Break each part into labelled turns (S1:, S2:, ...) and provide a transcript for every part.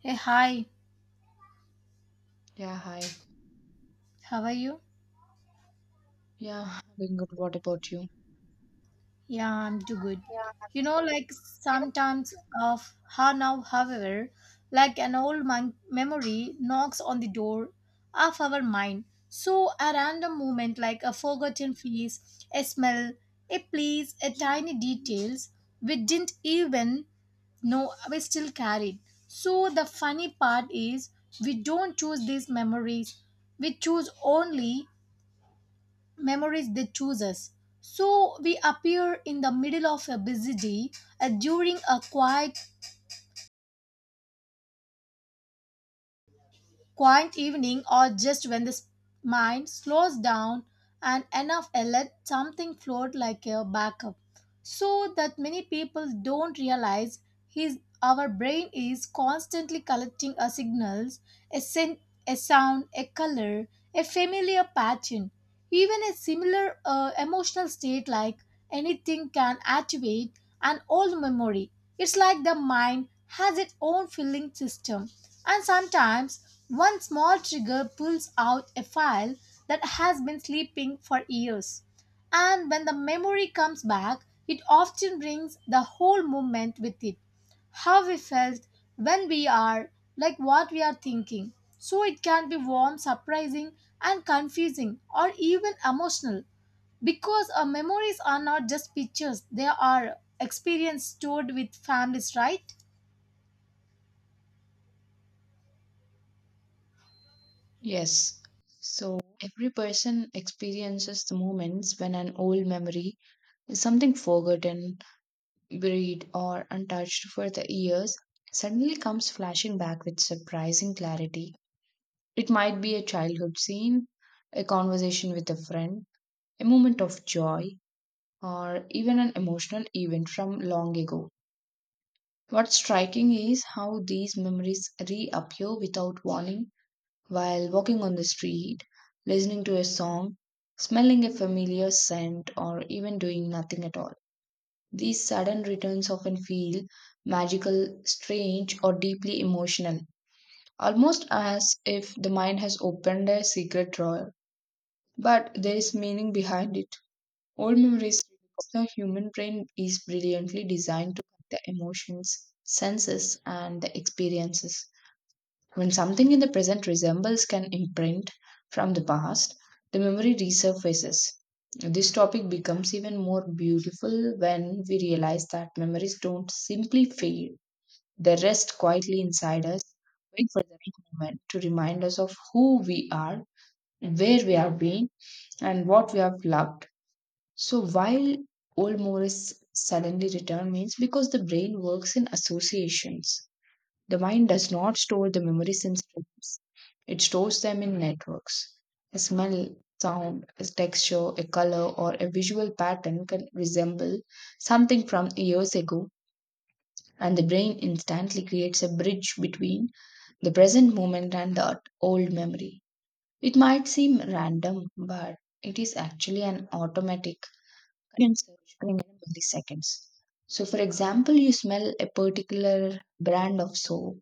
S1: Hey, hi,
S2: Yeah, hi.
S1: how are you?
S2: Yeah, doing good. What about you?
S1: Yeah, I'm too good.
S2: Yeah,
S1: You know, like
S2: you know,
S1: sometimes of how now, however, like an old memory knocks on the door of our mind. So, a random moment like a forgotten face, a smell, a place, a tiny details we didn't even know we still carried. So, the funny part is we don't choose these memories, we choose only memories they choose us. So we appear in the middle of a busy day, during a quiet evening, or just when the mind slows down and enough let something float like a backup. So that many people don't realize his our brain is constantly collecting a signals, a scent, a sound, a color, a familiar pattern, even a similar emotional state, like anything can activate an old memory. It's like the mind has its own filling system, and sometimes one small trigger pulls out a file that has been sleeping for years. And when the memory comes back, it often brings the whole moment with it. How we felt, when we are, like what we are thinking. So it can be warm, surprising, and confusing, or even emotional. Because our memories are not just pictures, they are experience stored with families, right?
S2: Yes. So every person experiences the moments when an old memory is something forgotten, buried, or untouched for the years suddenly comes flashing back with surprising clarity. It might be a childhood scene, a conversation with a friend, a moment of joy, or even an emotional event from long ago. What's striking is how these memories reappear without warning while walking on the street, listening to a song, smelling a familiar scent, or even doing nothing at all. These sudden returns often feel magical, strange, or deeply emotional, almost as if the mind has opened a secret drawer. But there is meaning behind it. Old memories because the human brain is brilliantly designed to connect the emotions, senses, and the experiences. When something in the present resembles an imprint from the past, the memory resurfaces. This topic becomes even more beautiful when we realize that memories don't simply fade, they rest quietly inside us, wait for the right moment to remind us of who we are, where we have been, and what we have loved. So, while old memories suddenly return, means because the brain works in associations. The mind does not store the memories in streams, it stores them in networks. A smell, sound, a texture, a color, or a visual pattern can resemble something from years ago, and the brain instantly creates a bridge between the present moment and that old memory. It might seem random, but it is actually an automatic connection search in milliseconds. So, for example, you smell a particular brand of soap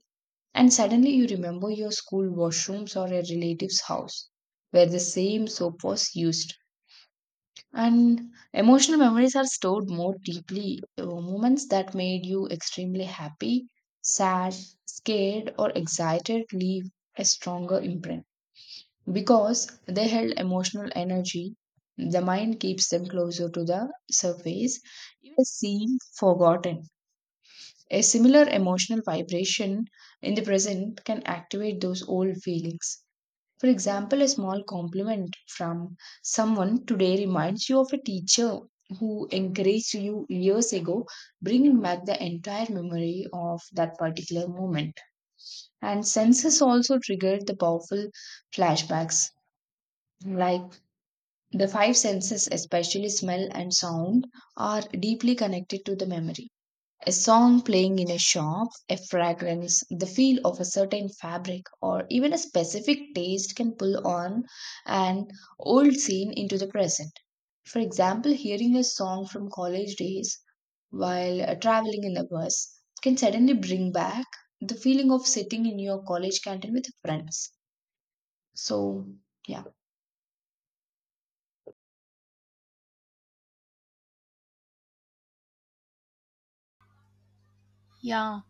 S2: and suddenly you remember your school washrooms or a relative's house where the same soap was used. And emotional memories are stored more deeply. Moments that made you extremely happy, sad, scared, or excited leave a stronger imprint because they held emotional energy. The mind keeps them closer to the surface, even seem forgotten. A similar emotional vibration in the present can activate those old feelings. For example, a small compliment from someone today reminds you of a teacher who encouraged you years ago, bringing back the entire memory of that particular moment. And senses also triggered the powerful flashbacks. Like the five senses, especially smell and sound, are deeply connected to the memory. A song playing in a shop, a fragrance, the feel of a certain fabric, or even a specific taste can pull on an old scene into the present. For example, hearing a song from college days while traveling in a bus can suddenly bring back the feeling of sitting in your college canteen with friends. So, yeah.
S1: Yeah.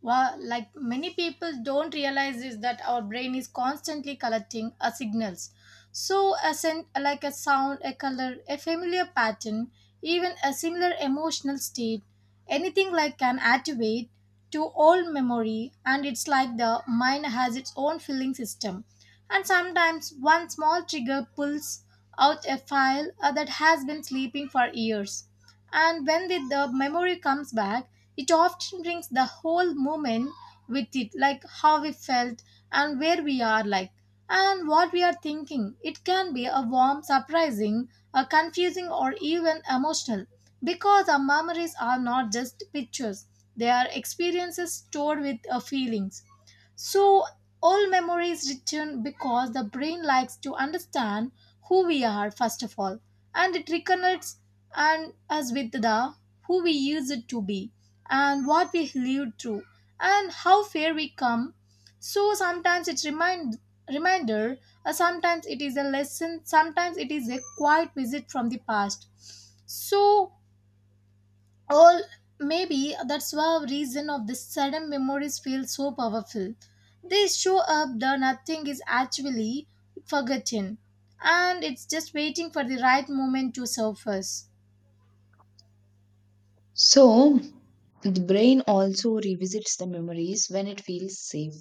S1: Well, like many people don't realize is that our brain is constantly collecting a signals. So, a like a sound, a color, a familiar pattern, even a similar emotional state, anything like can activate to old memory, and it's like the mind has its own feeling system. And sometimes one small trigger pulls out a file that has been sleeping for years. And when the memory comes back, it often brings the whole moment with it, like how we felt and where we are, like, and what we are thinking. It can be a warm, surprising, a confusing, or even emotional, because our memories are not just pictures, they are experiences stored with feelings. So, all memory is written because the brain likes to understand who we are, first of all, and it reconnects and us with the who we used to be, and what we lived through, and how far we come. So sometimes it's reminder, sometimes it is a lesson, sometimes it is a quiet visit from the past. So all maybe that's why reason of the sudden memories feel so powerful. They show up the nothing is actually forgotten, and it's just waiting for the right moment to surface.
S2: So, the brain also revisits the memories when it feels safe.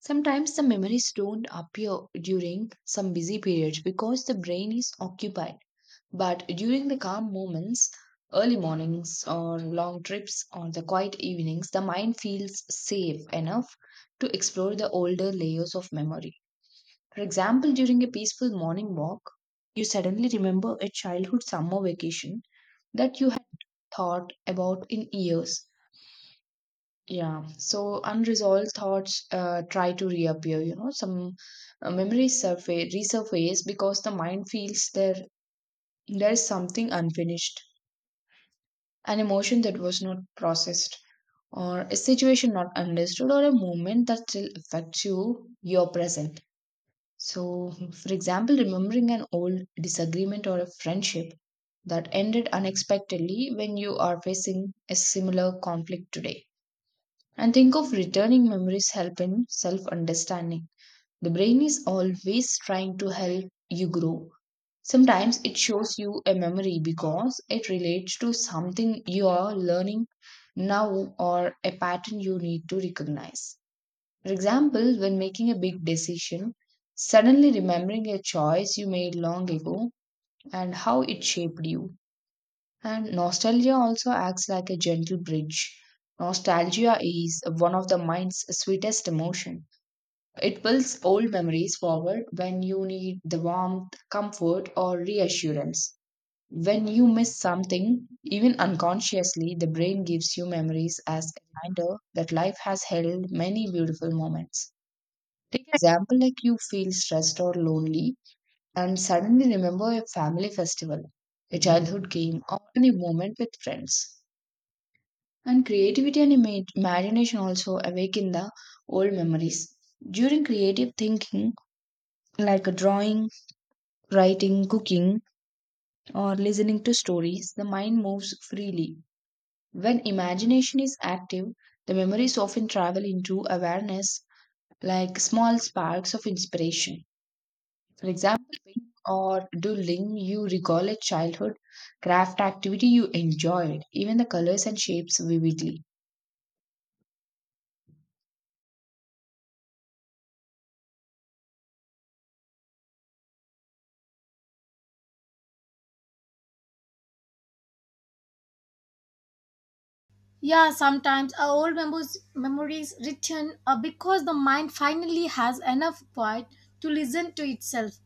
S2: Sometimes the memories don't appear during some busy periods because the brain is occupied. But during the calm moments, early mornings or long trips or the quiet evenings, the mind feels safe enough to explore the older layers of memory. For example, during a peaceful morning walk, you suddenly remember a childhood summer vacation that you had thought about in years yeah, so unresolved thoughts try to reappear, you know, some memories surface, resurface because the mind feels there is something unfinished, an emotion that was not processed, or a situation not understood, or a moment that still affects you, your present. So, for example, remembering an old disagreement or a friendship that ended unexpectedly when you are facing a similar conflict today. And think of returning memories help in self understanding. The brain is always trying to help you grow. Sometimes it shows you a memory because it relates to something you are learning now or a pattern you need to recognize. For example, when making a big decision, suddenly remembering a choice you made long ago and how it shaped you. And nostalgia also acts like a gentle bridge. Nostalgia is one of the mind's sweetest emotion. It pulls old memories forward when you need the warmth, comfort, or reassurance. When you miss something, even unconsciously, the brain gives you memories as a reminder that life has held many beautiful moments. Take an example like you feel stressed or lonely and suddenly remember a family festival, a childhood game, or any moment with friends. And creativity and imagination also awaken the old memories. During creative thinking, like a drawing, writing, cooking, or listening to stories, the mind moves freely. When imagination is active, the memories often travel into awareness like small sparks of inspiration. For example, painting or doodling, you recall a childhood craft activity you enjoyed, even the colors and shapes vividly.
S1: Yeah, sometimes our old memories return because the mind finally has enough quiet to listen to itself.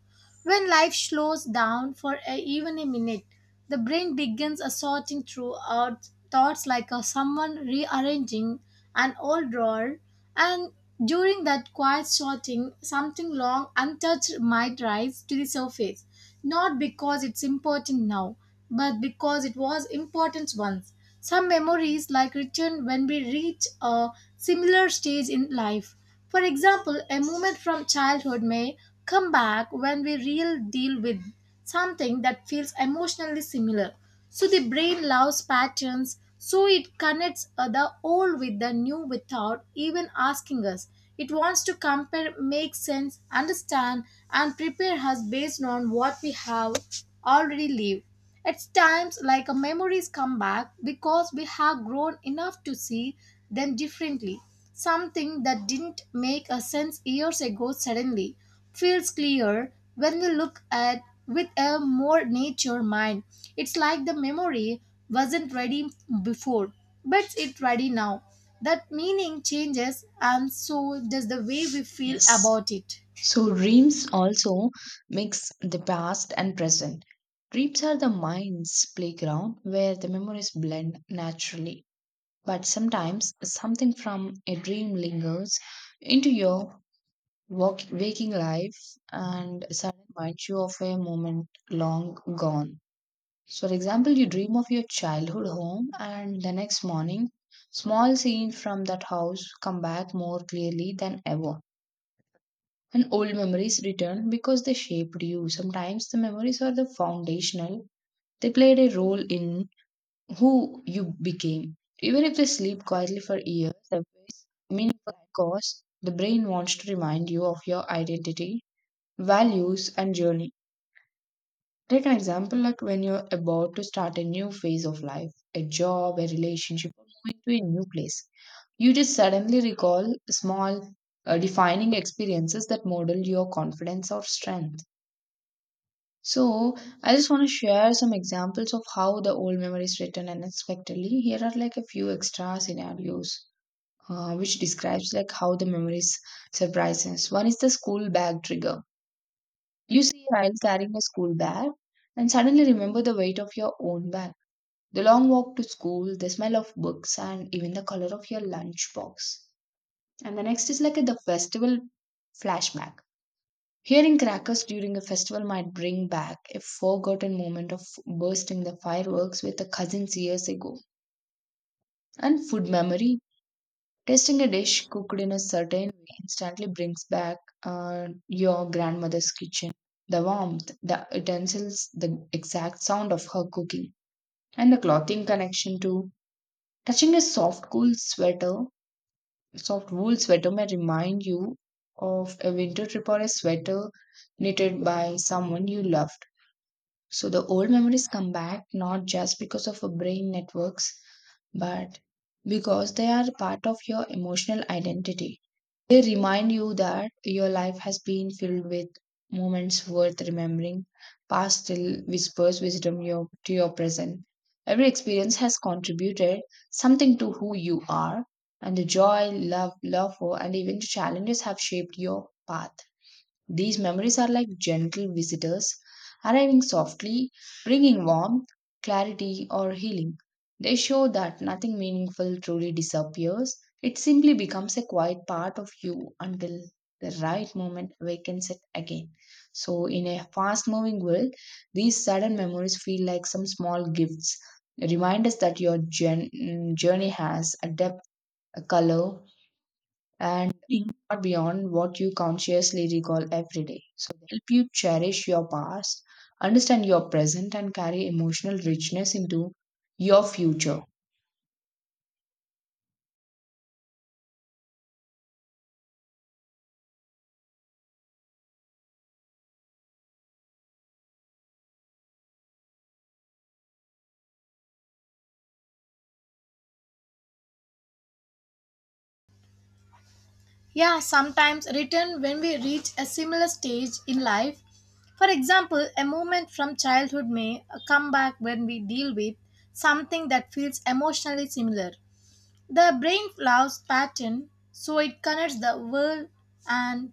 S1: When life slows down for a, even a minute, the brain begins a sorting through our thoughts, like a, someone rearranging an old drawer, and during that quiet sorting, something long untouched might rise to the surface, not because it's important now, but because it was important once. Some memories like return when we reach a similar stage in life. For example, a moment from childhood may come back when we real deal with something that feels emotionally similar. So the brain loves patterns, so it connects the old with the new without even asking us. It wants to compare, make sense, understand, and prepare us based on what we have already lived. At times, like memories come back because we have grown enough to see them differently. Something that didn't make a sense years ago suddenly feels clear when you look at with a more nature mind. It's like the memory wasn't ready before, but it's ready now. That meaning changes and so does the way we feel
S2: Yes.
S1: about it.
S2: So, dreams also mix the past and present. Dreams are the mind's playground where the memories blend naturally. But sometimes something from a dream lingers into your waking life and suddenly reminds you of a moment long gone. So, for example, you dream of your childhood home, and the next morning, small scenes from that house come back more clearly than ever. And old memories return because they shaped you. Sometimes the memories are the foundational, they played a role in who you became. Even if they sleep quietly for years, the ways meaningful and cost, the brain wants to remind you of your identity, values, and journey. Take an example like when you're about to start a new phase of life, a job, a relationship, or moving to a new place. You just suddenly recall small, defining experiences that model your confidence or strength. So I just want to share some examples of how the old memories return unexpectedly. Here are like a few extra scenarios which describes like how the memories surprise us. One is the school bag trigger. You see a child carrying a school bag and suddenly remember the weight of your own bag. The long walk to school, the smell of books, and even the color of your lunchbox. And the next is like the festival flashback. Hearing crackers during a festival might bring back a forgotten moment of bursting the fireworks with the cousins years ago. And food memory. Tasting a dish cooked in a certain way instantly brings back your grandmother's kitchen. The warmth, the utensils, the exact sound of her cooking, and the clothing connection too. Touching a soft, cool sweater, soft wool sweater may remind you of a winter trip or a sweater knitted by someone you love. So the old memories come back not just because of our brain networks, but because they are part of your emotional identity. They remind you that your life has been filled with moments worth remembering, past still whispers wisdom your, to your present. Every experience has contributed something to who you are, and the joy, love, love for, and even the challenges have shaped your path. These memories are like gentle visitors arriving softly, bringing warmth, clarity, or healing. They show that nothing meaningful truly disappears, it simply becomes a quiet part of you until the right moment awakens it again. So, in a fast moving world, these sudden memories feel like some small gifts. Remind us that your journey has a depth, a color, and think far beyond what you consciously recall every day. So they help you cherish your past, understand your present, and carry emotional richness into your future.
S1: Yeah, sometimes return when we reach a similar stage in life. For example, a moment from childhood may come back when we deal with something that feels emotionally similar. The brain loves pattern, so it connects the world and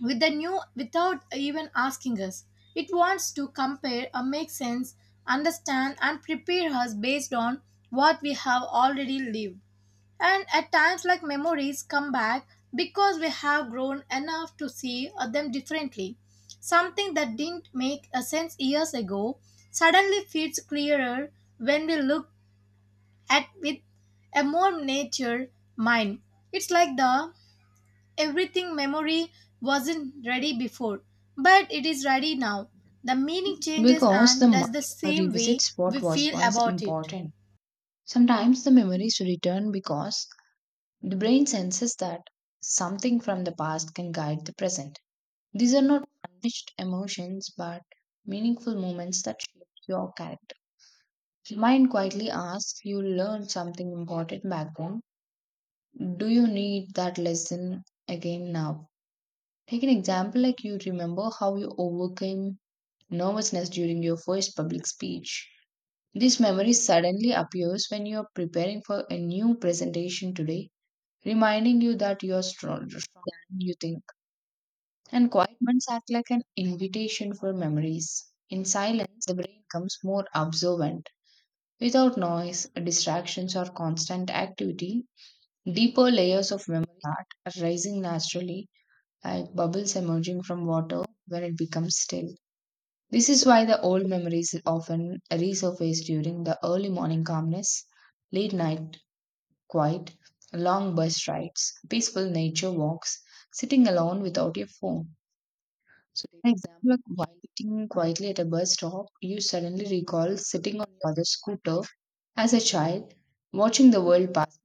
S1: with the new without even asking us. It wants to compare or make sense, understand, and prepare us based on what we have already lived. And at times, like memories come back because we have grown enough to see them differently. Something that didn't make a sense years ago suddenly feels clearer when we look at with a more nature mind. It's like the everything memory wasn't ready before, but it is ready now. The meaning changes
S2: Because the
S1: and does the
S2: mind
S1: same way
S2: revisits
S1: we
S2: what was
S1: feel
S2: once
S1: about it.
S2: important. Sometimes the memories return because the brain senses that something from the past can guide the present. These are not unleashed emotions but meaningful moments that shape your character. Mind quietly asks, you learned something important back then. Do you need that lesson again now? Take an example like you remember how you overcame nervousness during your first public speech. This memory suddenly appears when you are preparing for a new presentation today, reminding you that you are stronger than you think. And quiet months act like an invitation for memories. In silence, the brain becomes more observant. Without noise, distractions, or constant activity, deeper layers of memory start rising naturally, like bubbles emerging from water when it becomes still. This is why the old memories often resurface during the early morning calmness, late night quiet, long bus rides, peaceful nature walks, sitting alone without your phone. So, take an example, like while sitting quietly at a bus stop, you suddenly recall sitting on the other scooter as a child, watching the world pass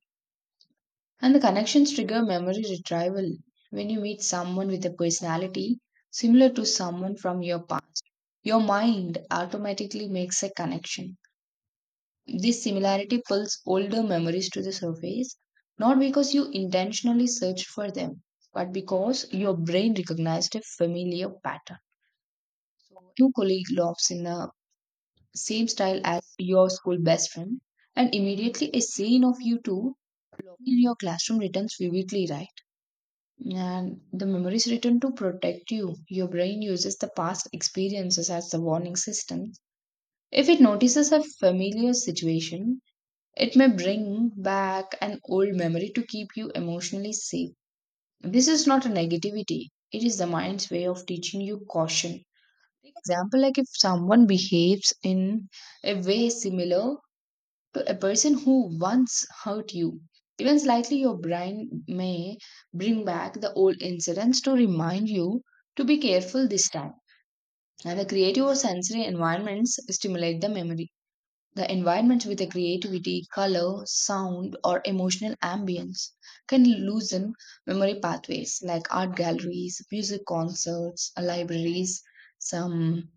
S2: and the connections trigger memory retrieval when you meet someone with a personality similar to someone from your past. Your mind automatically makes a connection. This similarity pulls older memories to the surface, not because you intentionally searched for them, but because your brain recognized a familiar pattern. So, your colleague laughs in the same style as your school best friend, and immediately a scene of you two in your classroom returns vividly, right? And the memories return to protect you. Your brain uses the past experiences as the warning system. If it notices a familiar situation, it may bring back an old memory to keep you emotionally safe. This is not a negativity, it is the mind's way of teaching you caution. Example, like if someone behaves in a way similar to a person who once hurt you. Even slightly, your brain may bring back the old incidents to remind you to be careful this time. And the creative or sensory environments stimulate the memory. The environments with a creativity, color, sound, or emotional ambience can loosen memory pathways like art galleries, music concerts, libraries, some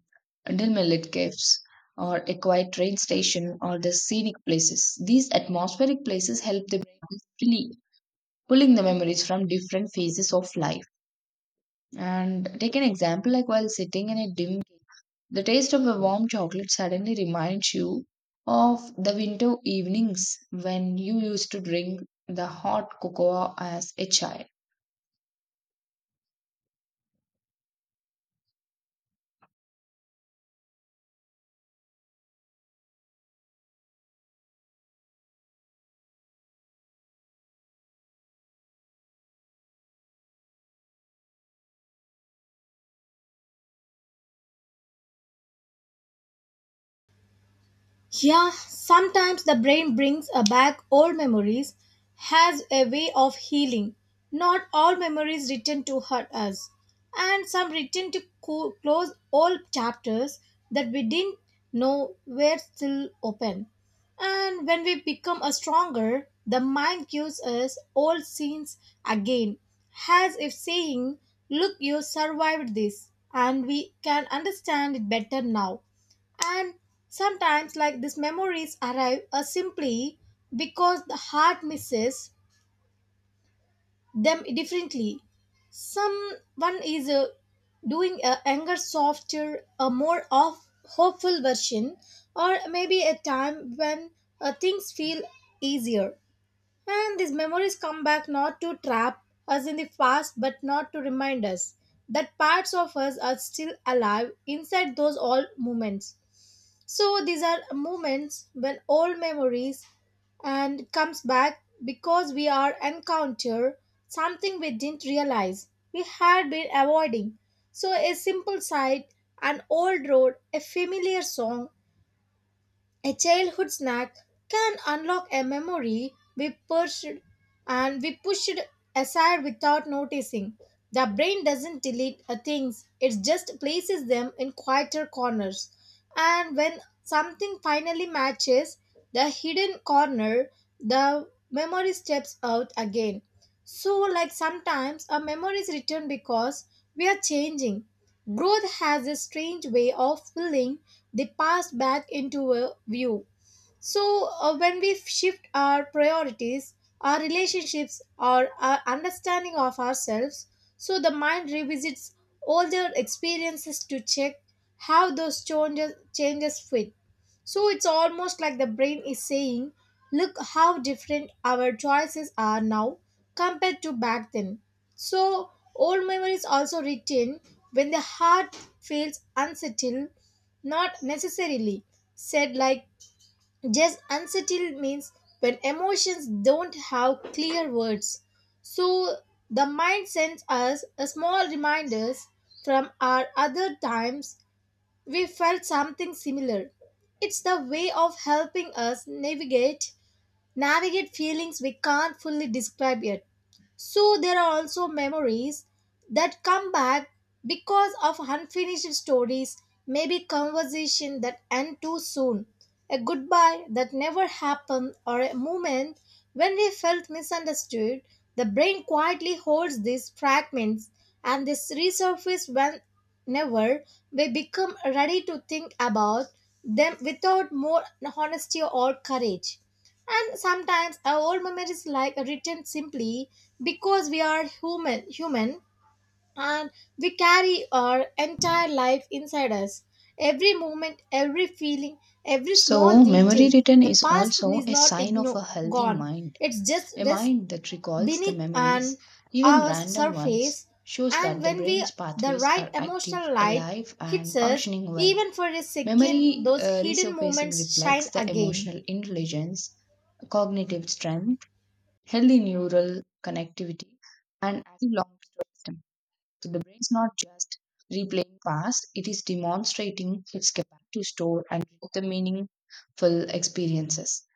S2: dimly lit gifts, or a quiet train station, or the scenic places. These atmospheric places help the brain freely pulling the memories from different phases of life. And take an example like while sitting in a dim, the taste of a warm chocolate suddenly reminds you of the winter evenings when you used to drink the hot cocoa as a child.
S1: Yeah, sometimes the brain brings back old memories, has a way of healing. Not all memories written to hurt us, and some written to close old chapters that we didn't know were still open. And when we become a stronger, the mind gives us old scenes again, as if saying, "Look, you survived this, and we can understand it better now." And sometimes, like these memories arrive simply because the heart misses them differently. Someone is doing a younger, softer, a more of hopeful version, or maybe a time when things feel easier. And these memories come back not to trap us in the past, but not to remind us that parts of us are still alive inside those old moments. So these are moments when old memories and comes back because we are encounter something we didn't realize we had been avoiding. So a simple sight, an old road, a familiar song, a childhood snack can unlock a memory we pushed aside without noticing. The brain doesn't delete things, it just places them in quieter corners. And when something finally matches the hidden corner, the memory steps out again. So, like sometimes, a memory is returned because we are changing. Growth has a strange way of pulling the past back into a view. So, when we shift our priorities, our relationships, or our understanding of ourselves, so the mind revisits older experiences to check how those changes fit. So, it's almost like the brain is saying, "Look how different our choices are now compared to back then." So, old memories also retain when the heart feels unsettled, not necessarily said like just unsettled means when emotions don't have clear words. So, the mind sends us a small reminders from our other times we felt something similar. It's the way of helping us navigate feelings we can't fully describe yet. So there are also memories that come back because of unfinished stories, maybe conversation that end too soon, a goodbye that never happened, or a moment when we felt misunderstood. The brain quietly holds these fragments and they resurface whenever we become ready to think about them without more honesty or courage. And sometimes our old memories like written simply because we are human and we carry our entire life inside us. Every moment, every feeling, every small
S2: So,
S1: detail.
S2: memory return
S1: The
S2: is
S1: past
S2: also
S1: is
S2: a
S1: not
S2: sign of a healthy
S1: gone.
S2: mind.
S1: It's just
S2: A
S1: rest
S2: mind that recalls the
S1: beneath
S2: memories,
S1: and
S2: even
S1: our
S2: random ones,
S1: surface,
S2: shows
S1: and
S2: that the
S1: when we
S2: brain's
S1: the
S2: pathways
S1: right
S2: are active,
S1: emotional light
S2: alive,
S1: hits
S2: and
S1: us
S2: functioning well.
S1: even for a second,
S2: Memory
S1: those hidden
S2: resurfacing
S1: moments
S2: reflects
S1: shine
S2: the
S1: again.
S2: emotional intelligence, cognitive strength, healthy neural connectivity, and active long term system. So the brain is not just replaying past, it is demonstrating its capacity to store and create the meaningful experiences.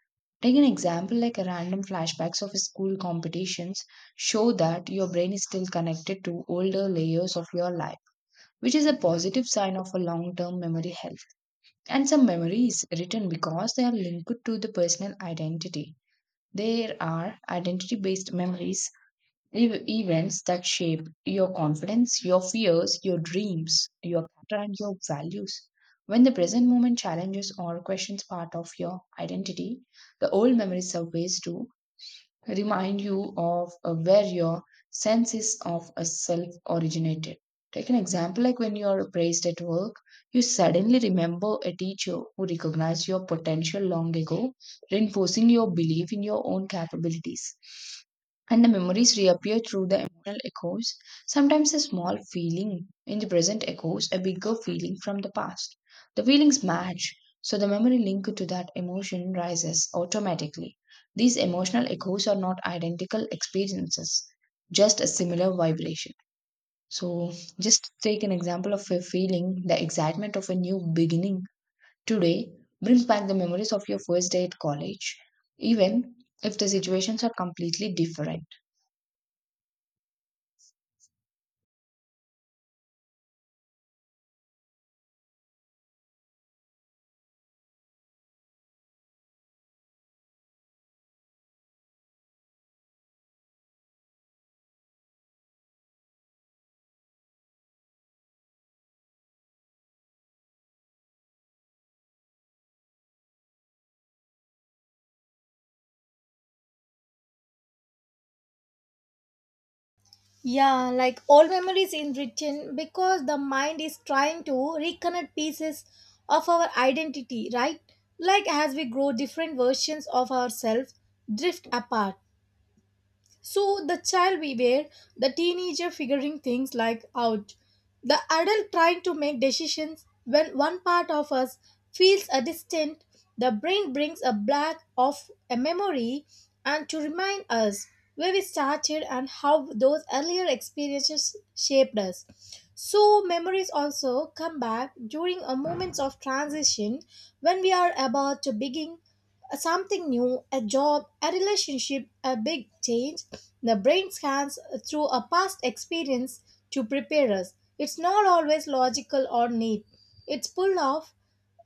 S2: Take an example like a random flashbacks of school competitions show that your brain is still connected to older layers of your life, which is a positive sign of a long-term memory health. And some memories written because they are linked to the personal identity. There are identity based memories events that shape your confidence, your fears, your dreams, your character, and your values. When the present moment challenges or questions part of your identity, the old memories surface too remind you of where your senses of a self originated. Take an example like when you are praised at work, you suddenly remember a teacher who recognized your potential long ago, reinforcing your belief in your own capabilities. And the memories reappear through the emotional echoes. Sometimes a small feeling in the present echoes a bigger feeling from the past. The feelings match, so the memory linked to that emotion rises automatically. These emotional echoes are not identical experiences, just a similar vibration. So, just take an example of a feeling, the excitement of a new beginning today brings back the memories of your first day at college, even if the situations are completely different.
S1: Yeah, like all memories in written because the mind is trying to reconnect pieces of our identity, right? Like as we grow different versions of ourselves drift apart. So the child we were, the teenager figuring things like out, the adult trying to make decisions when one part of us feels a distant, the brain brings a black of a memory and to remind us where we started and how those earlier experiences shaped us. So memories also come back during a moments of transition when we are about to begin something new, a job, a relationship, a big change. The brain scans through a past experience to prepare us. It's not always logical or neat. It's pulled off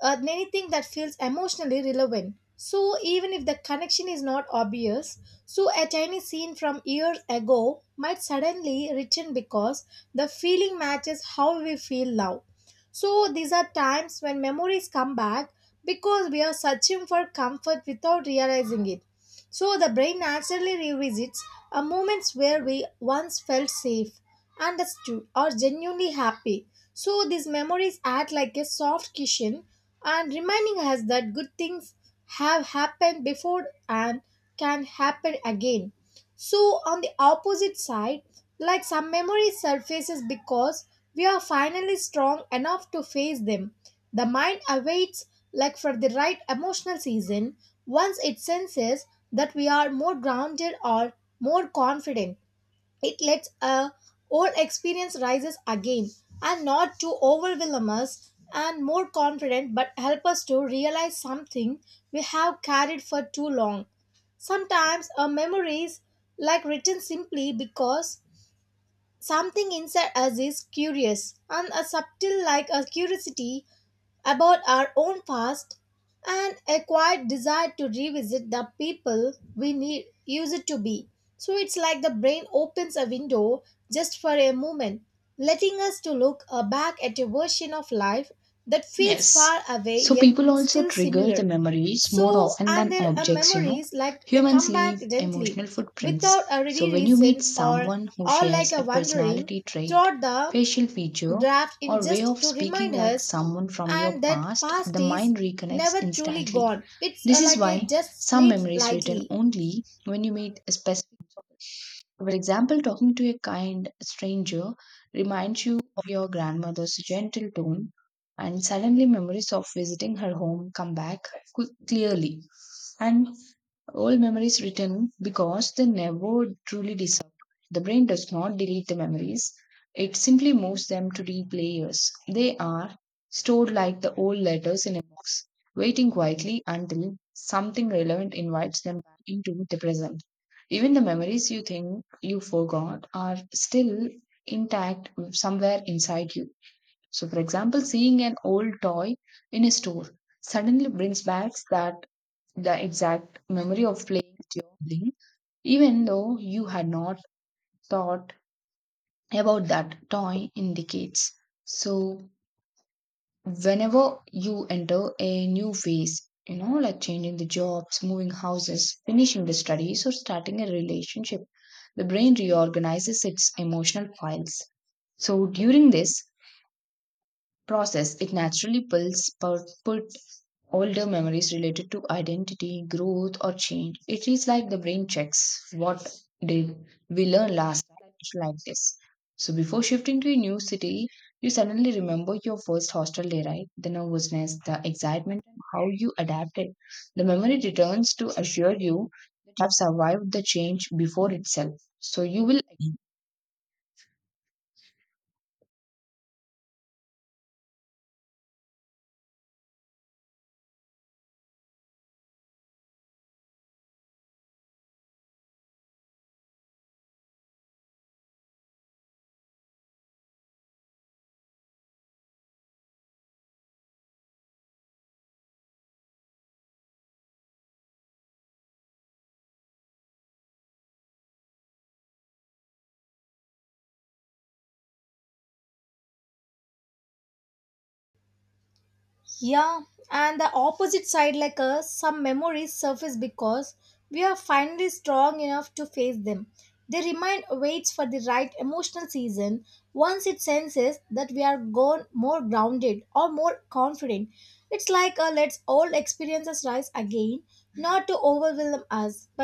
S1: anything that feels emotionally relevant. So even if the connection is not obvious, so a tiny scene from years ago might suddenly return because the feeling matches how we feel now. So these are times when memories come back because we are searching for comfort without realizing it. So the brain naturally revisits a moments where we once felt safe, understood, or genuinely happy. So these memories act like a soft cushion and reminding us that good things have happened before and can happen again. So on the opposite side, like some memory surfaces because we are finally strong enough to face them. The mind awaits like for the right emotional season once it senses that we are more grounded or more confident. It lets a old experience rises again and not to overwhelm us and more confident but help us to realize something we have carried for too long. Sometimes our memories like written simply because something inside us is curious and a subtle like a curiosity about our own past and a quiet desire to revisit the people we need, used to be. So it's like the brain opens a window just for a moment, letting us to look back at a version of life that feels
S2: Yes.
S1: far away
S2: So
S1: yet
S2: people also
S1: still
S2: trigger the
S1: similar.
S2: memories more
S1: So
S2: often
S1: and
S2: than
S1: their
S2: objects, you know.
S1: memories like they
S2: Humans
S1: come
S2: leave
S1: back gently,
S2: emotional
S1: without
S2: footprints.
S1: a ready
S2: So when you meet
S1: reason
S2: someone who
S1: or like
S2: shares
S1: a
S2: a
S1: wandering
S2: personality trait,
S1: throughout the
S2: facial feature,
S1: draft in
S2: or way
S1: just
S2: of
S1: to remind
S2: speaking like
S1: us
S2: someone from your
S1: and that
S2: past,
S1: past
S2: the
S1: is
S2: mind reconnects
S1: never truly
S2: instantly.
S1: gone, it's
S2: This is
S1: like it
S2: why
S1: just
S2: some
S1: sleeps
S2: memories return
S1: lightly.
S2: only when you meet a specific person. For example, talking to a kind stranger reminds you of your grandmother's gentle tone, and suddenly memories of visiting her home come back clearly. And old memories return because they never truly disappear. The brain does not delete the memories, it simply moves them to replayers. They are stored like the old letters in a box, waiting quietly until something relevant invites them back into the present. Even the memories you think you forgot are still intact somewhere inside you. So, for example, seeing an old toy in a store suddenly brings back that the exact memory of playing with your sibling, even though you had not thought about that toy in decades. So, whenever you enter a new phase, you know, like changing the jobs, moving houses, finishing the studies, or starting a relationship, the brain reorganizes its emotional files. So, during this process, it naturally pulls put older memories related to identity, growth, or change. It is like the brain checks what did we learn last time. It's like this. So before shifting to a new city, you suddenly remember your first hostel day, right? The nervousness, the excitement, and how you adapted. The memory returns to assure you that you have survived the change before itself. So you will
S1: Yeah, and the opposite side, like us, some memories surface because we are finally strong enough to face them. They remind waits for the right emotional season once it senses that we are gone more grounded or more confident. It's like a let's old experiences rise again, not to overwhelm us,